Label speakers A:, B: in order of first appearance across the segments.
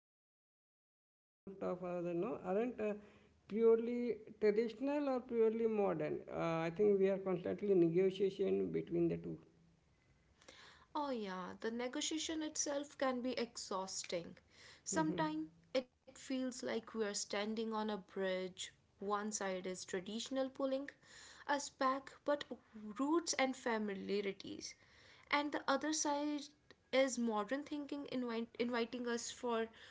A: fascinating is that the most of us aren't purely traditional or purely modern. I think we are constantly negotiation between the two.
B: Oh, yeah, the negotiation itself can be exhausting. Sometimes it feels like we are standing on a bridge. One side is traditional pulling us back, but roots and familiarities, and the other side is modern thinking inviting us for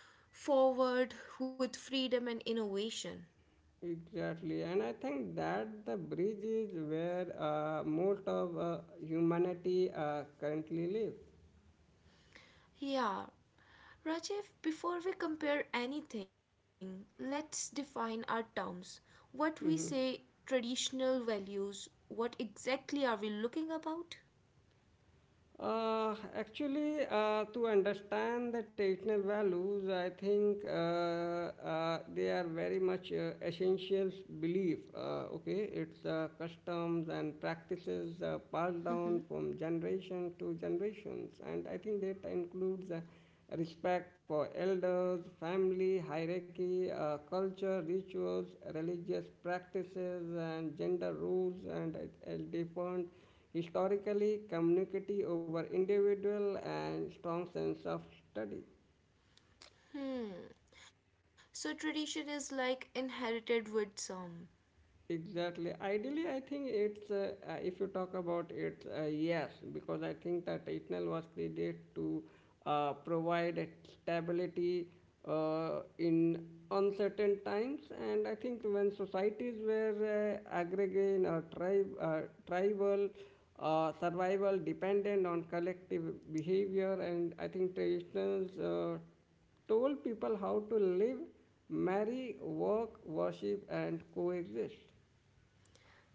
B: forward with freedom and innovation.
A: Exactly, and I think that the bridge is where most of humanity currently lives.
B: Yeah, Rajiv, before we compare anything, let's define our terms. What we
A: Mhm.
B: say traditional values, what exactly are we looking about?
A: To understand the traditional values, I think they are very much essential belief. Okay, it's customs and practices passed down from generation to generations, and I think that includes. Respect for elders, family, hierarchy, culture, rituals, religious practices, and gender rules, and it defined historically community over individual, and strong sense of study.
B: Hmm. So tradition is like inherited with some.
A: Exactly. Ideally, I think it's if you talk about it, yes, because I think that Eternal was created to provide a stability in uncertain times, and I think when societies were aggregate or tribe, tribal, survival dependent on collective behavior, and I think traditionals. Uh, Told people how to live, marry, work, worship, and coexist.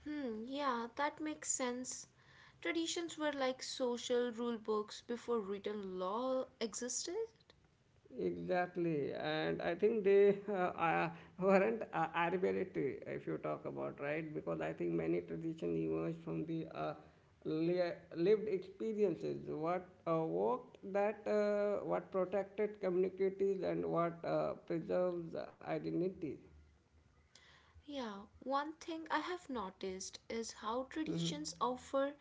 B: Hmm, yeah, that makes sense. Traditions were like social rule books before written law existed.
A: Exactly, and I think they uh, weren't arbitrary if you talk about right, because I think many tradition emerged from the lived experiences, what worked, that what protected communities, and what preserves identity.
B: Yeah, one thing I have noticed is how traditions offer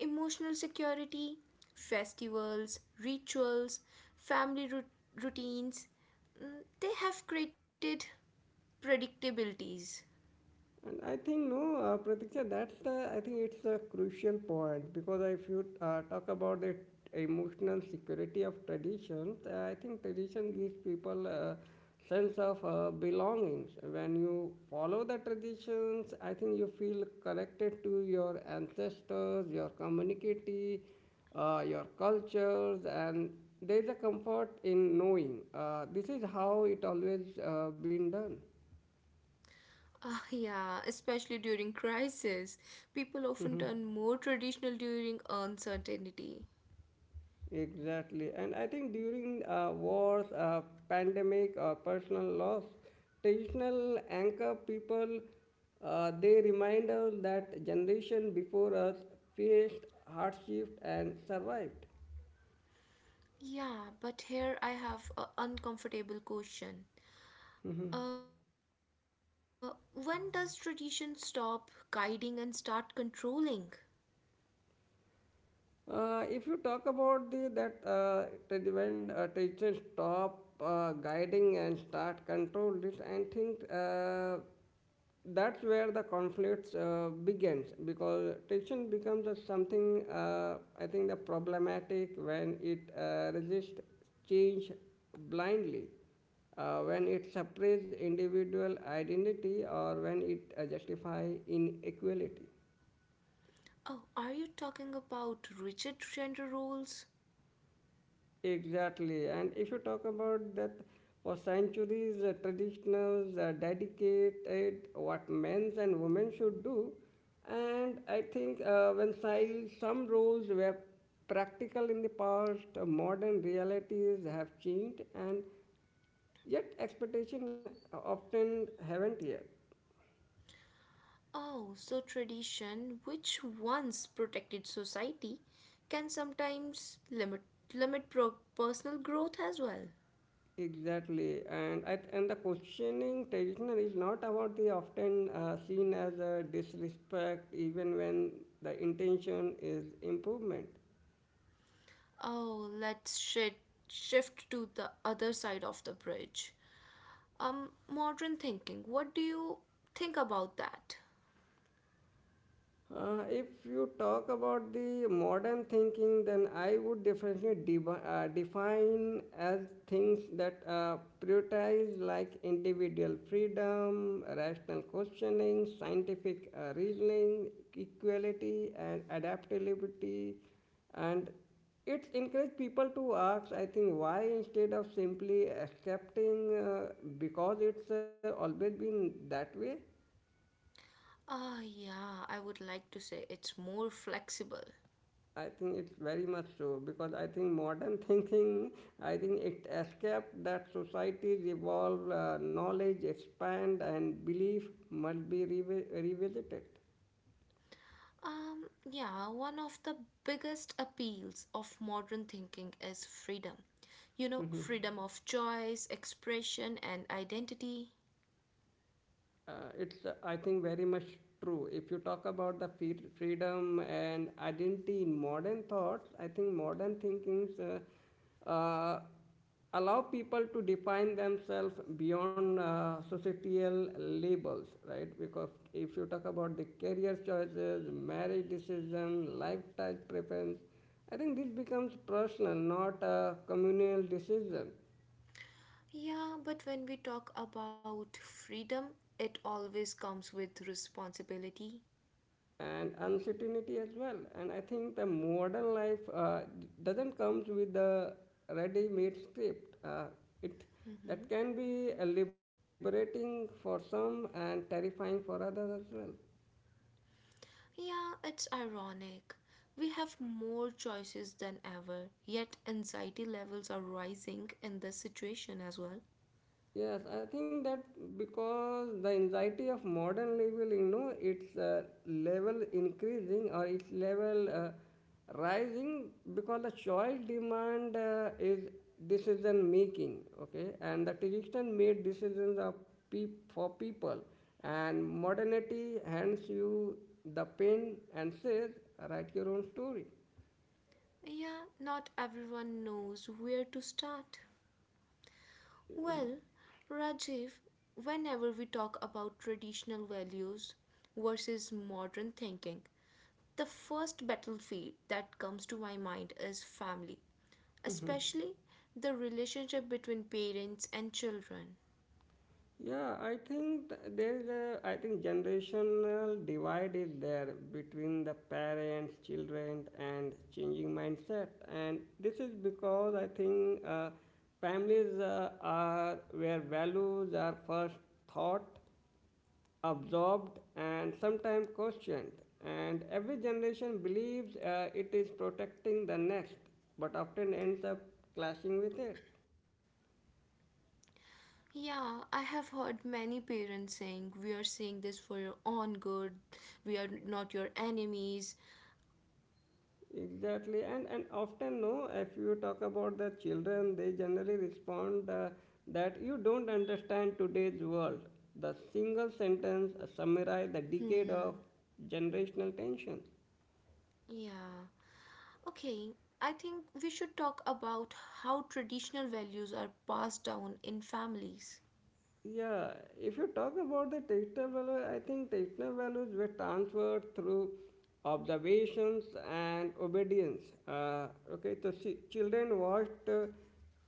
B: emotional security, festivals, rituals, family rut- routines. They have created predictabilities.
A: And I think no, Pratiksha, that's the I think it's a crucial point because if you talk about the emotional security of traditions, I think tradition gives people a sense of belongings. When you follow the traditions, I think you feel connected to your ancestors, your community, your cultures, and there is a comfort in knowing. This is how it always been done.
B: Ah, yeah, especially during crisis. People often turn more traditional during uncertainty.
A: Exactly. And I think during wars, pandemic, or personal loss, traditional anchor people, they remind us that generation before us faced hardship and survived.
B: Yeah, but here I have an uncomfortable question.
A: Mm-hmm.
B: When does tradition stop guiding and start controlling?
A: If you talk about the that that when teachers stop guiding and start control this, I think that's where the conflicts begins because teaching becomes a something I think the problematic when it resists change blindly. When it suppresses individual identity or when it justifies inequality.
B: Oh, are you talking about rigid gender roles?
A: Exactly. And if you talk about that for centuries, traditionals dedicated what men's and women should do. And I think when while some roles were practical in the past, modern realities have changed and yet expectation often haven't yet.
B: Oh, so tradition, which once protected society, can sometimes limit personal growth as well.
A: Exactly, and and the questioning traditional is not about the often seen as a disrespect, even when the intention is improvement.
B: Oh, let's shift to the other side of the bridge. Modern thinking. What do you think about that?
A: If you talk about the modern thinking, then I would definitely define as things that prioritize like individual freedom, rational questioning, scientific reasoning, equality, and adaptability, and it encourages people to ask, I think, why instead of simply accepting because it's always been that way.
B: Ah, yeah, I would like to say it's more flexible.
A: I think it's very much so because I think modern thinking, I think it escaped that societies evolve, knowledge expand, and belief must be revisited.
B: Yeah, one of the biggest appeals of modern thinking is freedom. You know, freedom of choice, expression, and identity.
A: Uh, it's I think very much true if you talk about the freedom and identity in modern thoughts. I think modern thinkings uh, allow people to define themselves beyond societal labels, right? Because if you talk about the career choices, marriage decision, lifestyle preference, I think this becomes personal, not a communal decision
B: Yeah, but when we talk about freedom, it always comes with responsibility.
A: and uncertainty as well. And I think the modern life doesn't comes with the ready-made script. It that
B: Mhm.
A: can be liberating for some and terrifying for others as well.
B: Yeah, it's ironic. We have more choices than ever, yet anxiety levels are rising in this situation as well.
A: Yes, I think that because the anxiety of modern living, you know, its level increasing or its level rising because the choice demand is decision making, okay, and the tradition made decisions of for people, and modernity hands you the pen and says, write your own story.
B: Yeah, not everyone knows where to start. Well, Rajiv, whenever we talk about traditional values versus modern thinking, the first battlefield that comes to my mind is family, especially the relationship between parents and children.
A: Yeah, I think there's a, I think generational divide is there between the parents, children, and changing mindset. And this is because I think families are where values are first thought, absorbed, and sometimes questioned. And every generation believes it is protecting the next, but often ends up clashing with it.
B: Yeah, I have heard many parents saying, "We are saying this for your own good, we are not your enemies."
A: Exactly, and often no. If you talk about the children, they generally respond that you don't understand today's world. The single sentence summarize the decade of
B: Hmm,
A: generational tension.
B: yeah. Okay, I think we should talk about how traditional values are passed down in families.
A: Yeah, if you talk about the technical value, I think technical values were transferred through observations and obedience. Okay, so children watched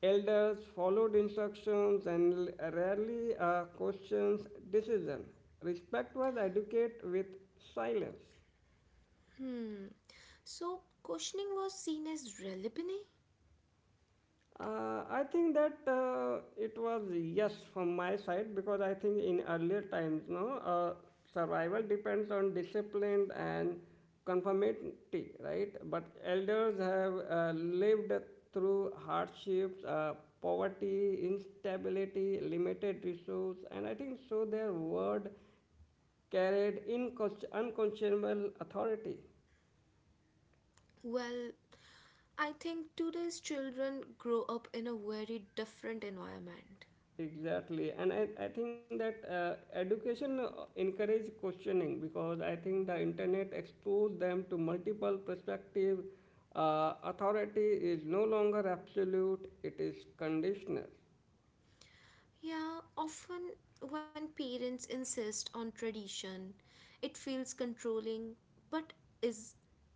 A: elders, followed instructions, and rarely questions decision. Respect was educated with silence.
B: Hmm, so questioning was seen as relevant?
A: I think that it was yes from my side because I think in earlier times, no, uh, survival depends on discipline and conformity, right? But elders have lived through hardships, poverty, instability, limited resource, and I think so their word carried unconscionable authority.
B: Well, I think today's children grow up in a very different environment.
A: Exactly, and I think that education encourage questioning because I think the internet expose them to multiple perspective. Authority is no longer absolute; it is conditional.
B: Yeah, often when parents insist on tradition, it feels controlling, but is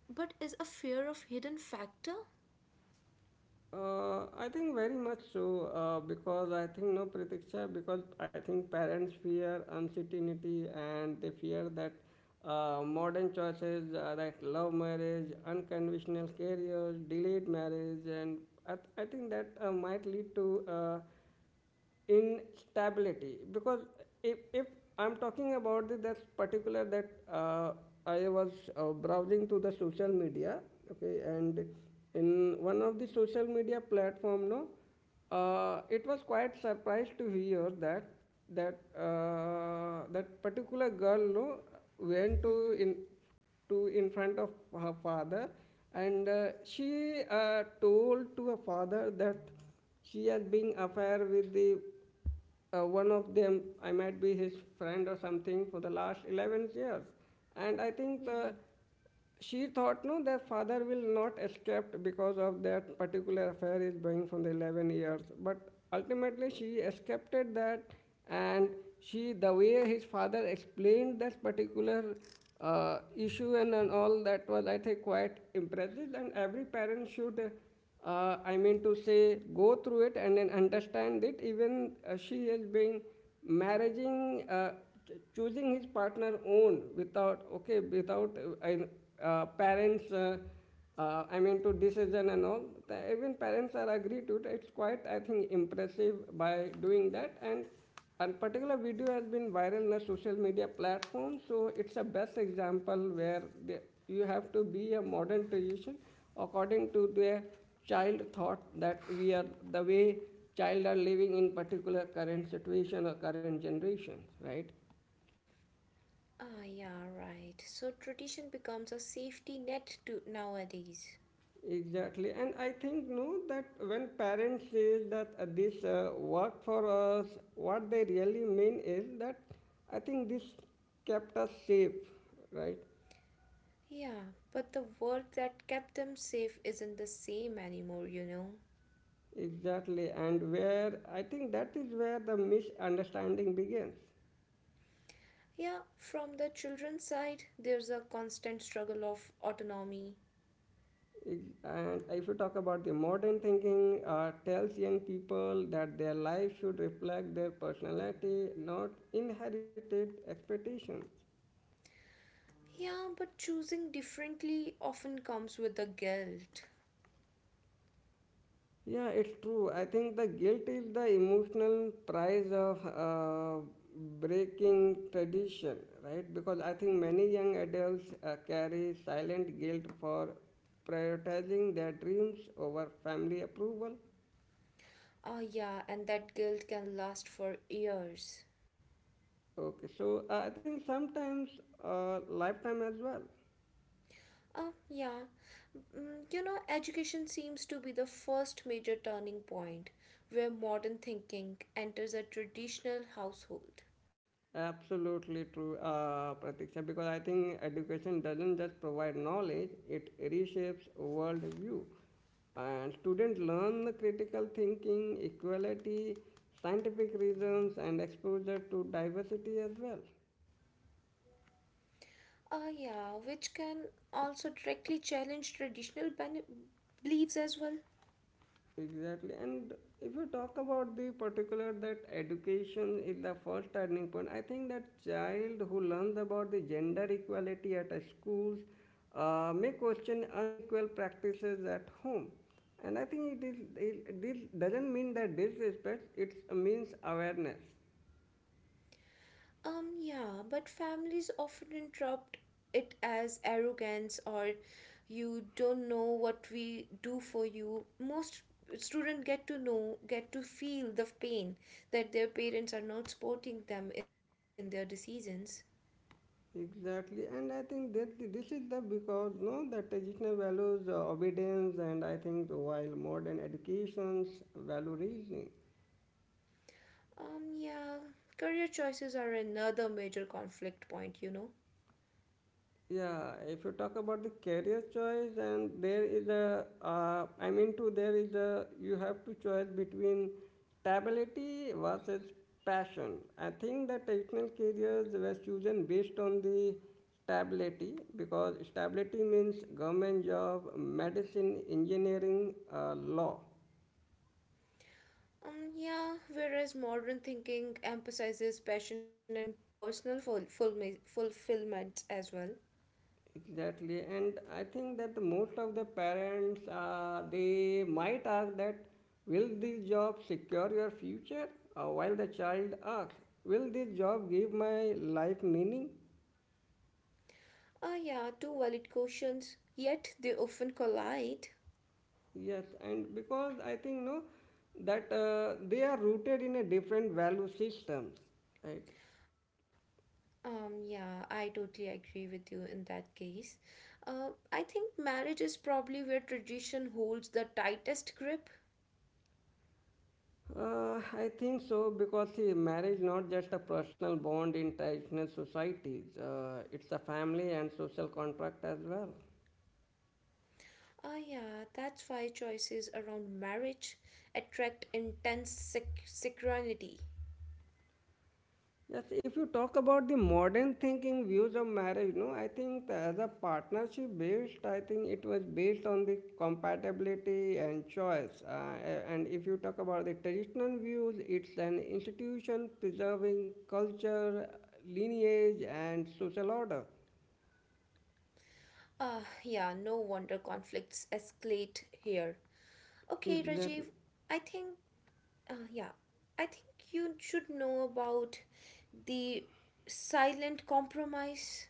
B: is a fear of hidden factor?
A: I think very much so because I think no pratiksha because I think parents fear uncertainty and they fear that modern choices like love marriage, unconventional careers, delayed marriage, and I think that might lead to instability because if I'm talking about that particular that I was browsing to the social media, okay, and in one of the social media platform, no, it was quite surprised to hear that that particular girl, no, went to in in front of her father, and she told to her father that she has been affair with the one of them I might be his friend or something for the last 11 years, and I think the
B: Mm-hmm.
A: she thought no their father will not escape because of that particular affair is going from the 11 years, but ultimately she escaped that. And she the way his father explained that particular issue and all that was I think quite impressive, and every parent should I mean to say, go through it and then understand it. Even she has been marrying, choosing his partner own without, okay, without parents. I mean to decision and all. The, even parents are agree to it. It's quite, I think, impressive by doing that, and particular video has been viral in a social media platform, so it's a best example where the, you have to be a modern tradition according to the child thought that we are the way child are living in particular current situation or current generations, right?
B: Ah, yeah, right. So tradition becomes a safety net to nowadays.
A: Exactly, and I think no that when parents say that this work for us, what they really mean is that I think this kept us safe, right?
B: Yeah, but the world that kept them safe isn't the same anymore, you know.
A: Exactly, and where I think that is where the misunderstanding begins.
B: Yeah, from the children's side, there's a constant struggle of autonomy.
A: And if you talk about the modern thinking, tells young people that their life should reflect their personality, not inherited expectations.
B: Yeah, but choosing differently often comes with the guilt.
A: Yeah, it's true. I think the guilt is the emotional price of breaking tradition, right? Because I think many young adults carry silent guilt for prioritizing their dreams over family approval.
B: Ah, yeah, and that guilt can last for years.
A: Okay, so I think sometimes lifetime as well.
B: Uh, yeah, you know, education seems to be the first major turning point where modern thinking enters a traditional household.
A: Absolutely true, Pratiksha, because I think education doesn't just provide knowledge, it reshapes worldview. And students learn the critical thinking, equality, scientific reasons, and exposure to diversity as well.
B: Yeah, which can also directly challenge beliefs as well.
A: Exactly. And if you talk about the particular that education is the first turning point, I think that child who learns about the gender equality at a schools may question unequal practices at home. And I think it is it, this doesn't mean that disrespect, it means awareness.
B: Yeah, but families often interrupt it as arrogance or you don't know what we do for you. Most students get to feel the pain that their parents are not supporting them in their decisions.
A: Exactly, and I think that this is the because no, the traditional values obedience, and I think the while modern educations value reasoning.
B: Yeah, career choices are another major conflict point, you know.
A: Yeah, if you talk about the career choice, and there is a, I mean to there is a, you have to choose between stability versus passion. I think the traditional careers were chosen based on the stability because stability means government job, medicine, engineering, law.
B: Yeah, whereas modern thinking emphasizes passion and personal fulfillment as well.
A: Exactly, and I think that the most of the parents they might ask that will this job secure your future? While the child asks, will this job give my life meaning?
B: Ah, yeah, two valid questions, yet they often collide.
A: Yes, and because I think no, that they are rooted in a different value systems, right?
B: Yeah, I totally agree with you in that case. I think marriage is probably where tradition holds the tightest grip.
A: I think so because see, marriage not just a personal bond in traditional societies. It's a family and social contract as well.
B: Ah, yeah, that's why choices around marriage attract synchronicity.
A: Yes, if you talk about the modern thinking views of marriage, no, I think as a partnership based, I think it was based on the compatibility and choice. And if you talk about the traditional views, it's an institution preserving culture, lineage, and social order.
B: Ah, yeah, no wonder conflicts escalate here. Okay, Rajiv,
A: Exactly.
B: I think Uh, yeah, I think you should know about the silent compromise.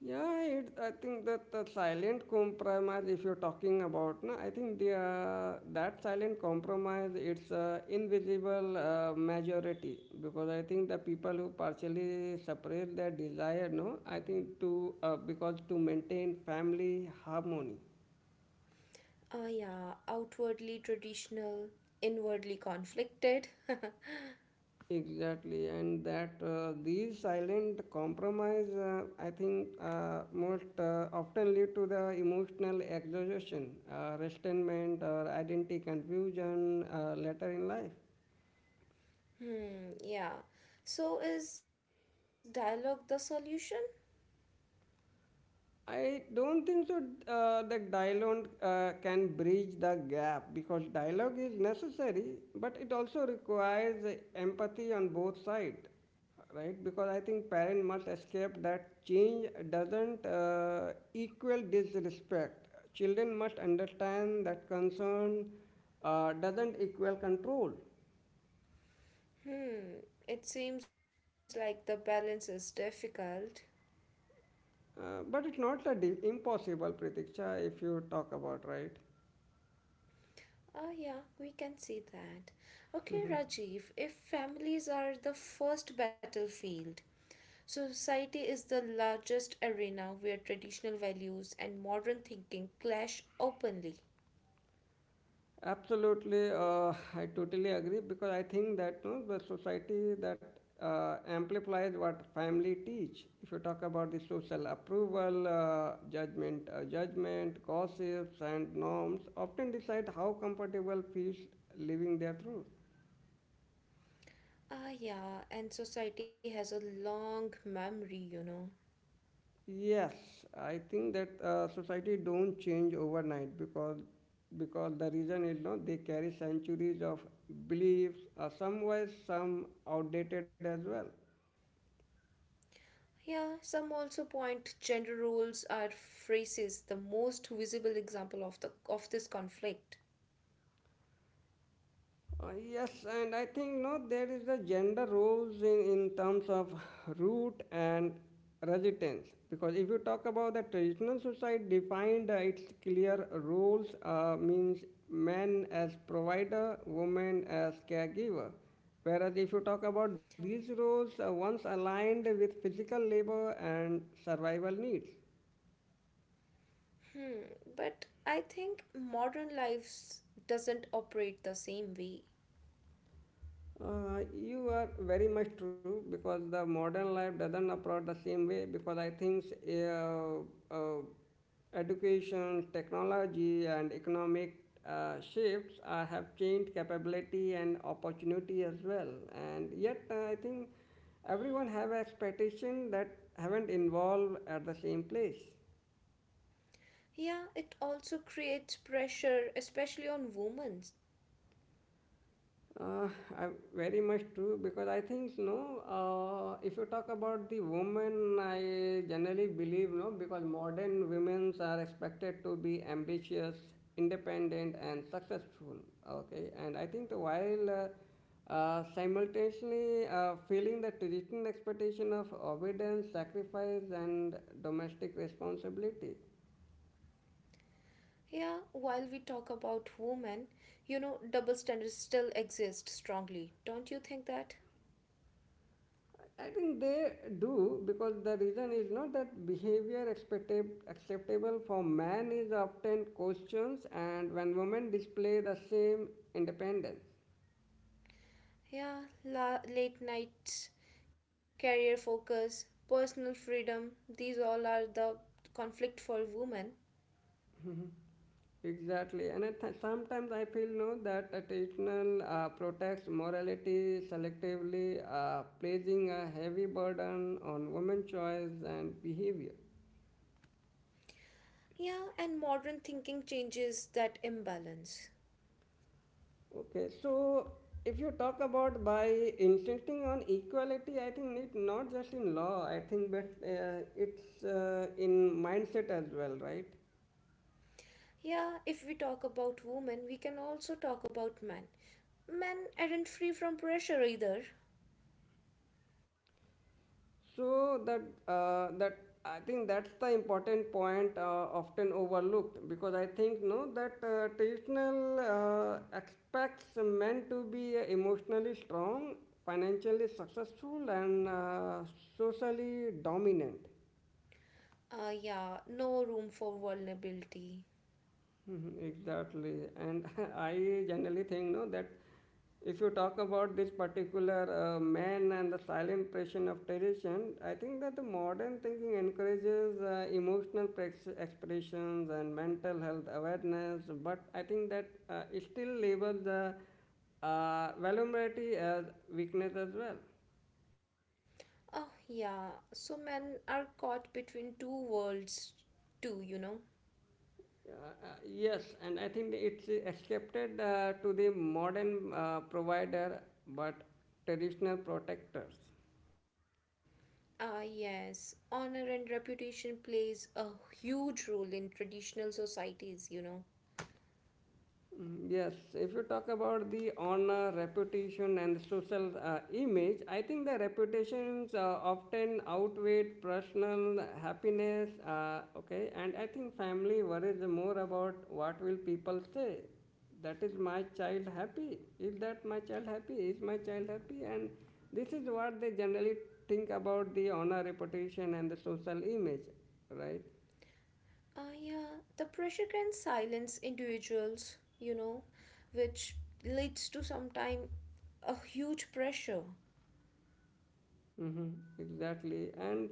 A: Yeah, it, I think that the silent compromise, if you're talking about, na, I think that silent compromise, it's invisible majority because I think the people who partially suppress their desire, no, I think to because to maintain family harmony.
B: Yeah, outwardly traditional, inwardly conflicted.
A: Exactly, and that these silent compromise, I think, most often lead to the emotional exhaustion, resentment, or identity confusion later in life.
B: Yeah. So is dialogue the solution?
A: I don't think so that dialogue can bridge the gap because dialogue is necessary, but it also requires empathy on both sides, right? Because I think parent must escape that change doesn't equal disrespect. Children must understand that concern doesn't equal control.
B: Hmm, it seems like the balance is difficult.
A: But it's not impossible, Pratiksha, if you talk about, right?
B: Oh, yeah, we can see that. Okay, Rajiv, if families are the first battlefield, society is the largest arena where traditional values and modern thinking clash openly.
A: Absolutely, I totally agree because I think that no, the society that amplifies what family teach. If you talk about the social approval, judgment, gossips, and norms, often decide how comfortable feels living their truth.
B: Ah, yeah, and society has a long memory, you know.
A: Yes, I think that society don't change overnight because the reason is no, they carry centuries of beliefs, some wise, some outdated as well.
B: Yeah, some also point gender roles are phrases, the most visible example of this conflict.
A: Yes, and I think no, there is the gender roles in terms of root and residence. Because if you talk about the traditional society defined its clear roles, means men as provider, women as caregiver. Whereas if you talk about these roles, once aligned with physical labor and survival needs.
B: Hmm, but I think modern lives doesn't operate the same way.
A: You are very much true because the modern life doesn't approach the same way because I think uh, uh, education, technology, and economic shifts have changed capability and opportunity as well. And yet, I think everyone have expectation that haven't involved at the same place.
B: Yeah, it also creates pressure, especially on women.
A: Uh, I very much true because I think no. If you talk about the women, I generally believe no because modern women are expected to be ambitious, independent, and successful. Okay, and I think the while simultaneously feeling the traditional expectation of obedience, sacrifice, and domestic responsibility.
B: Yeah, while we talk about women, you know, double standards still exist strongly. Don't you think that?
A: I think they do because the reason is not that behavior acceptable for man is often questioned, and when women display the same independence.
B: Yeah, late nights, career focus, personal freedom, these all are the conflict for women.
A: Exactly, and sometimes I feel no that a traditional protects morality selectively, placing a heavy burden on women's choice and behavior.
B: Yeah, and modern thinking changes that imbalance.
A: Okay, so if you talk about by insisting on equality, I think it not just in law, I think, but it's in mindset as well, right?
B: Yeah, if we talk about women, we can also talk about men. Men aren't free from pressure either.
A: So that I think that's the important point often overlooked because I think no that traditional expects men to be emotionally strong, financially successful, and socially dominant.
B: Yeah, no room for vulnerability.
A: Mhm. Exactly. And I generally think no that if you talk about this particular man and the silent pressure of tradition, I think that the modern thinking encourages emotional prex expressions and mental health awareness, but I think that it still labels the vulnerability as weakness as well.
B: Oh, yeah, so men are caught between two worlds, too, you know.
A: Yes, and I think it's accepted to the modern provider but traditional protectors.
B: Ah, yes, honor and reputation plays a huge role in traditional societies, you know.
A: Mm. Yes, if you talk about the honor, reputation, and social image, I think the reputations often outweigh personal happiness. Okay, and I think family worries more about what will people say. That is my child happy? Is that my child happy? Is my child happy? And this is what they generally think about the honor, reputation, and the social image, right?
B: Yeah, the pressure can silence individuals, you know, which leads to sometime a huge pressure.
A: Mm-hmm, exactly. And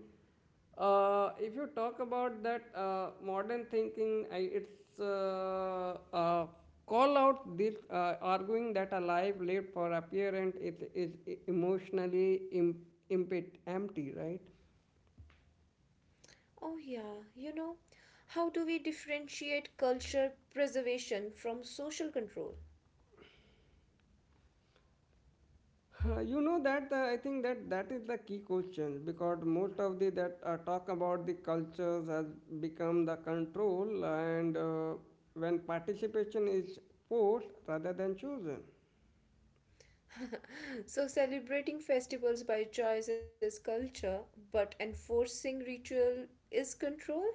A: if you talk about that modern thinking, I, it's call out this arguing that a life lived for appearance is emotionally empty, right?
B: Oh, yeah, you know, how do we differentiate culture preservation from social control?
A: You know that I think that that is the key question because most of the that talk about the cultures has become the control and when participation is forced rather than chosen.
B: So, celebrating festivals by choice is culture, but enforcing ritual is control?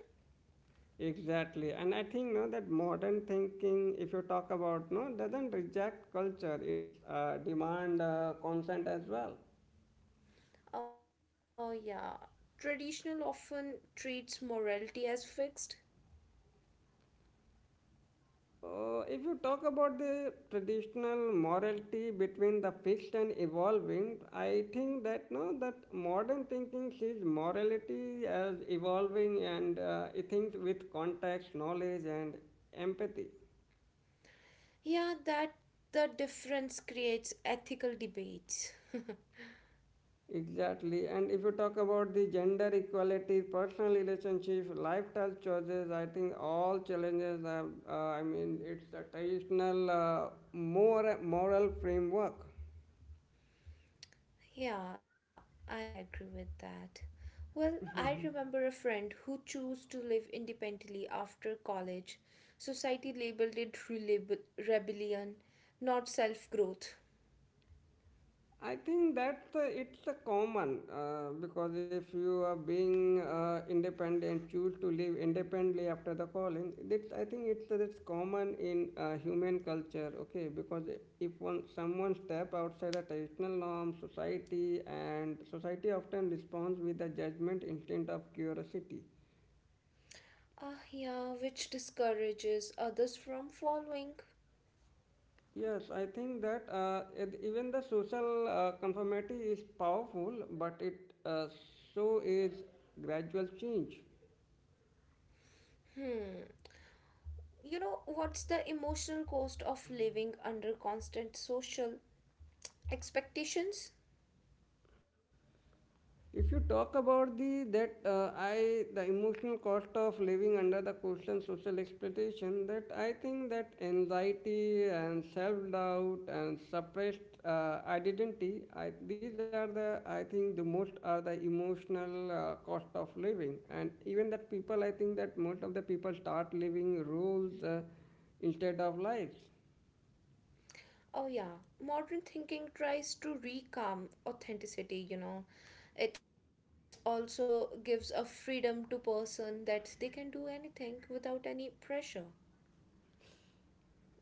A: Exactly, and I think no that modern thinking, if you talk about no, doesn't reject culture; it's demand consent as well.
B: Oh, yeah, traditional often treats morality as fixed.
A: If you talk about the traditional morality between the fixed and evolving, I think that no that modern thinking sees morality as evolving and it thinks with context, knowledge, and empathy.
B: Yeah, that the difference creates ethical debates.
A: Exactly. And if you talk about the gender equality, personal relationship, lifestyle choices, I think all challenges are, I mean, it's the traditional more moral framework.
B: Yeah, I agree with that. Well, I remember a friend who chose to live independently after college. Society labeled it rebellion, not self growth.
A: I think that it's a common because if you are being independent, choose to live independently after the calling. That I think it's that's common in human culture. Okay, because if one someone step outside the traditional norm, society often responds with a judgment instead of curiosity.
B: Ah, yeah, which discourages others from following.
A: Yes, I think that it- even the social conformity is powerful, but it so is gradual change.
B: You know, what's the emotional cost of living under constant social expectations?
A: If you talk about the that I the emotional cost of living under the constant social expectation, that I think that anxiety and self doubt and suppressed identity, I, these are the I think the most are the emotional cost of living, and even that people I think that most of the people start living rules instead of lives.
B: Oh, yeah. Modern thinking tries to reclaim authenticity, you know. It also gives a freedom to person that they can do anything without any pressure.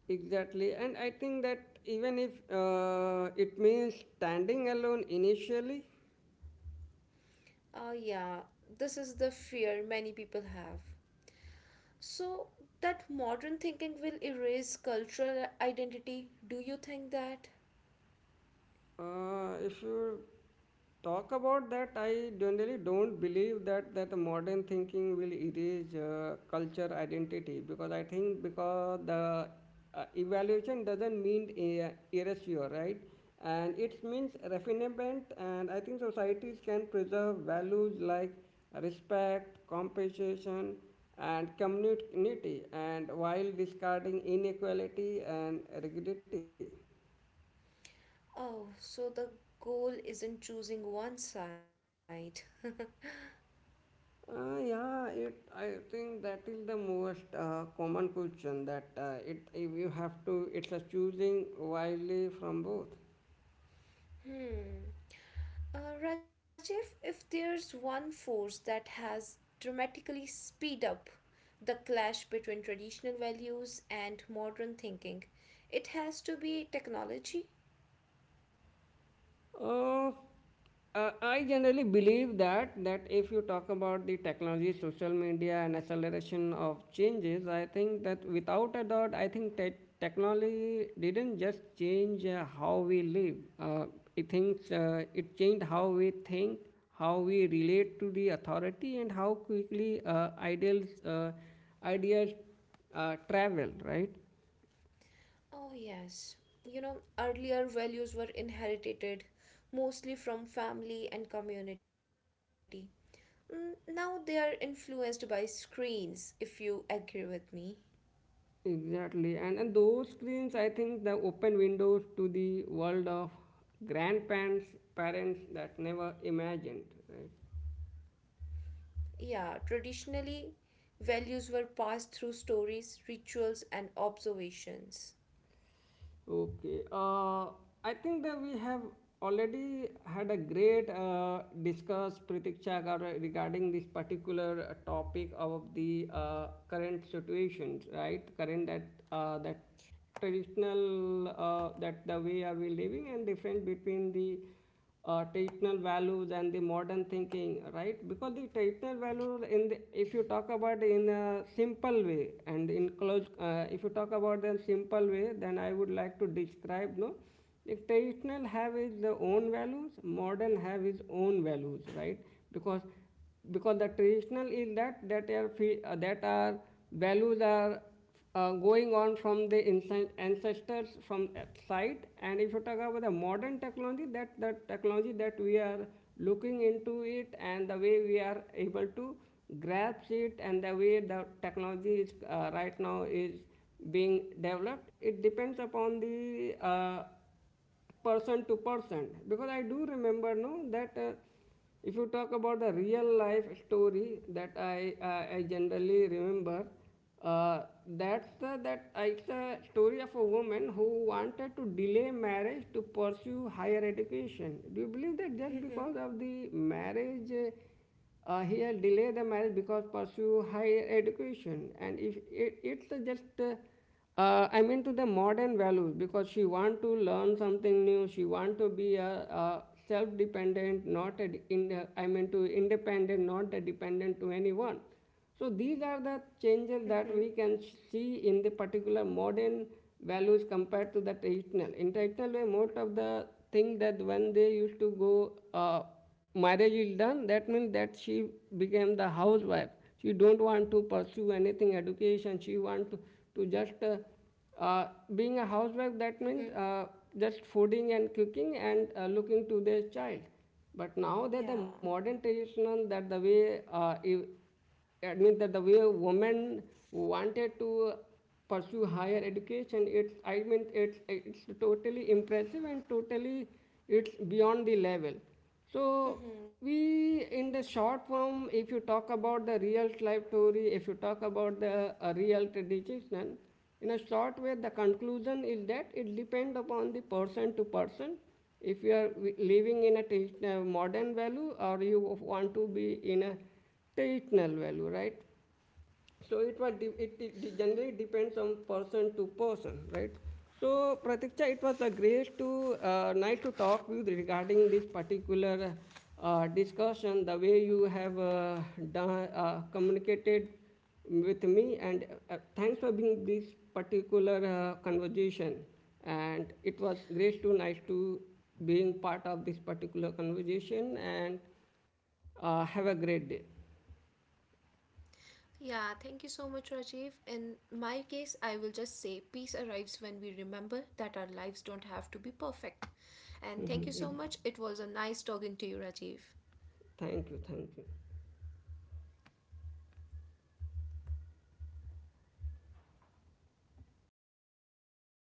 A: Exactly, and I think that even if it means standing alone initially.
B: Oh, yeah. This is the fear many people have. So, that modern thinking will erase cultural identity. Do you think that?
A: If you talk about that, I generally don't believe that the modern thinking will erase culture identity because I think because the evaluation doesn't mean erasure, right? And it means refinement, and I think societies can preserve values like respect, compensation, and community, and while discarding inequality and rigidity.
B: Oh, so the goal isn't choosing one side.
A: Yeah, it. I think that is the most common question that it if you have to. It's a choosing wisely from both.
B: hmm. Rajiv, if there's one force that has dramatically speed up the clash between traditional values and modern thinking, it has to be technology.
A: Uh, I generally believe that if you talk about the technology, social media, and acceleration of changes, I think that without a doubt, I think technology didn't just change how we live. It thinks it changed how we think, how we relate to the authority, and how quickly ideals ideas travel. Right.
B: Oh, yes. You know, earlier values were inherited mostly from family and community. Now they are influenced by screens, if you agree with me.
A: Exactly, and those screens, I think, the open windows to the world of grandparents, parents that never imagined, right?
B: Yeah, traditionally, values were passed through stories, rituals, and observations.
A: Okay, I think that we have already had a great discuss, Pratiksha, regarding this particular topic of the current situations, right? Current that traditional that the way are we living and difference between the traditional values and the modern thinking, right? Because the traditional values, in the, if you talk about in a simple way and in close, if you talk about them simple way, then I would like to describe, no, the traditional have its own values, modern have its own values, right? Because because the traditional is that are values are going on from the ancestors from that side, and if you talk about the modern technology, that the technology that we are looking into it, and the way we are able to grasp it, and the way the technology is right now is being developed, it depends upon the person to person, because I do remember no that if you talk about the real life story, I generally remember uh, that's the that it's a story of a woman who wanted to delay marriage to pursue higher education. Do you believe that just
B: Mm-hmm.
A: because of the marriage here delay the marriage because pursue higher education? And if it, it's just I mean to the modern values, because she want to learn something new, she want to be a self-dependent, not a, I mean to independent, not a dependent to anyone. So these are the changes
B: Mm-hmm.
A: that we can see in the particular modern values compared to the traditional. In traditional way, most of the thing that when they used to go, marriage is done. That means that she became the housewife. She don't want to pursue anything education. She want to just uh, being a housewife. That means
B: Mm-hmm.
A: just fooding and cooking and looking to their child. But now that the
B: Yeah.
A: modern traditional that the way if that means that the way women wanted to pursue higher education, it's I mean it's totally impressive and totally it's beyond the level. So
B: Mm-hmm.
A: we, in the short form, if you talk about the real life story, if you talk about the real tradition, in a short way, the conclusion is that it depends upon the person to person. If you are living in a traditional modern value, or you want to be in a territorial value, right? So it was de- it generally depends on person to person, right? So Pratiksha, it was a great to nice to talk with regarding this particular discussion. The way you have done, communicated with me, and thanks for being this particular conversation. And it was great to nice to being part of this particular conversation. And have a great day.
B: Yeah, thank you so much, Rajiv. In my case, I will just say peace arrives when we remember that our lives don't have to be perfect. And thank you so much. It
A: thank
B: was a nice talking to you, Rajiv.
A: Thank you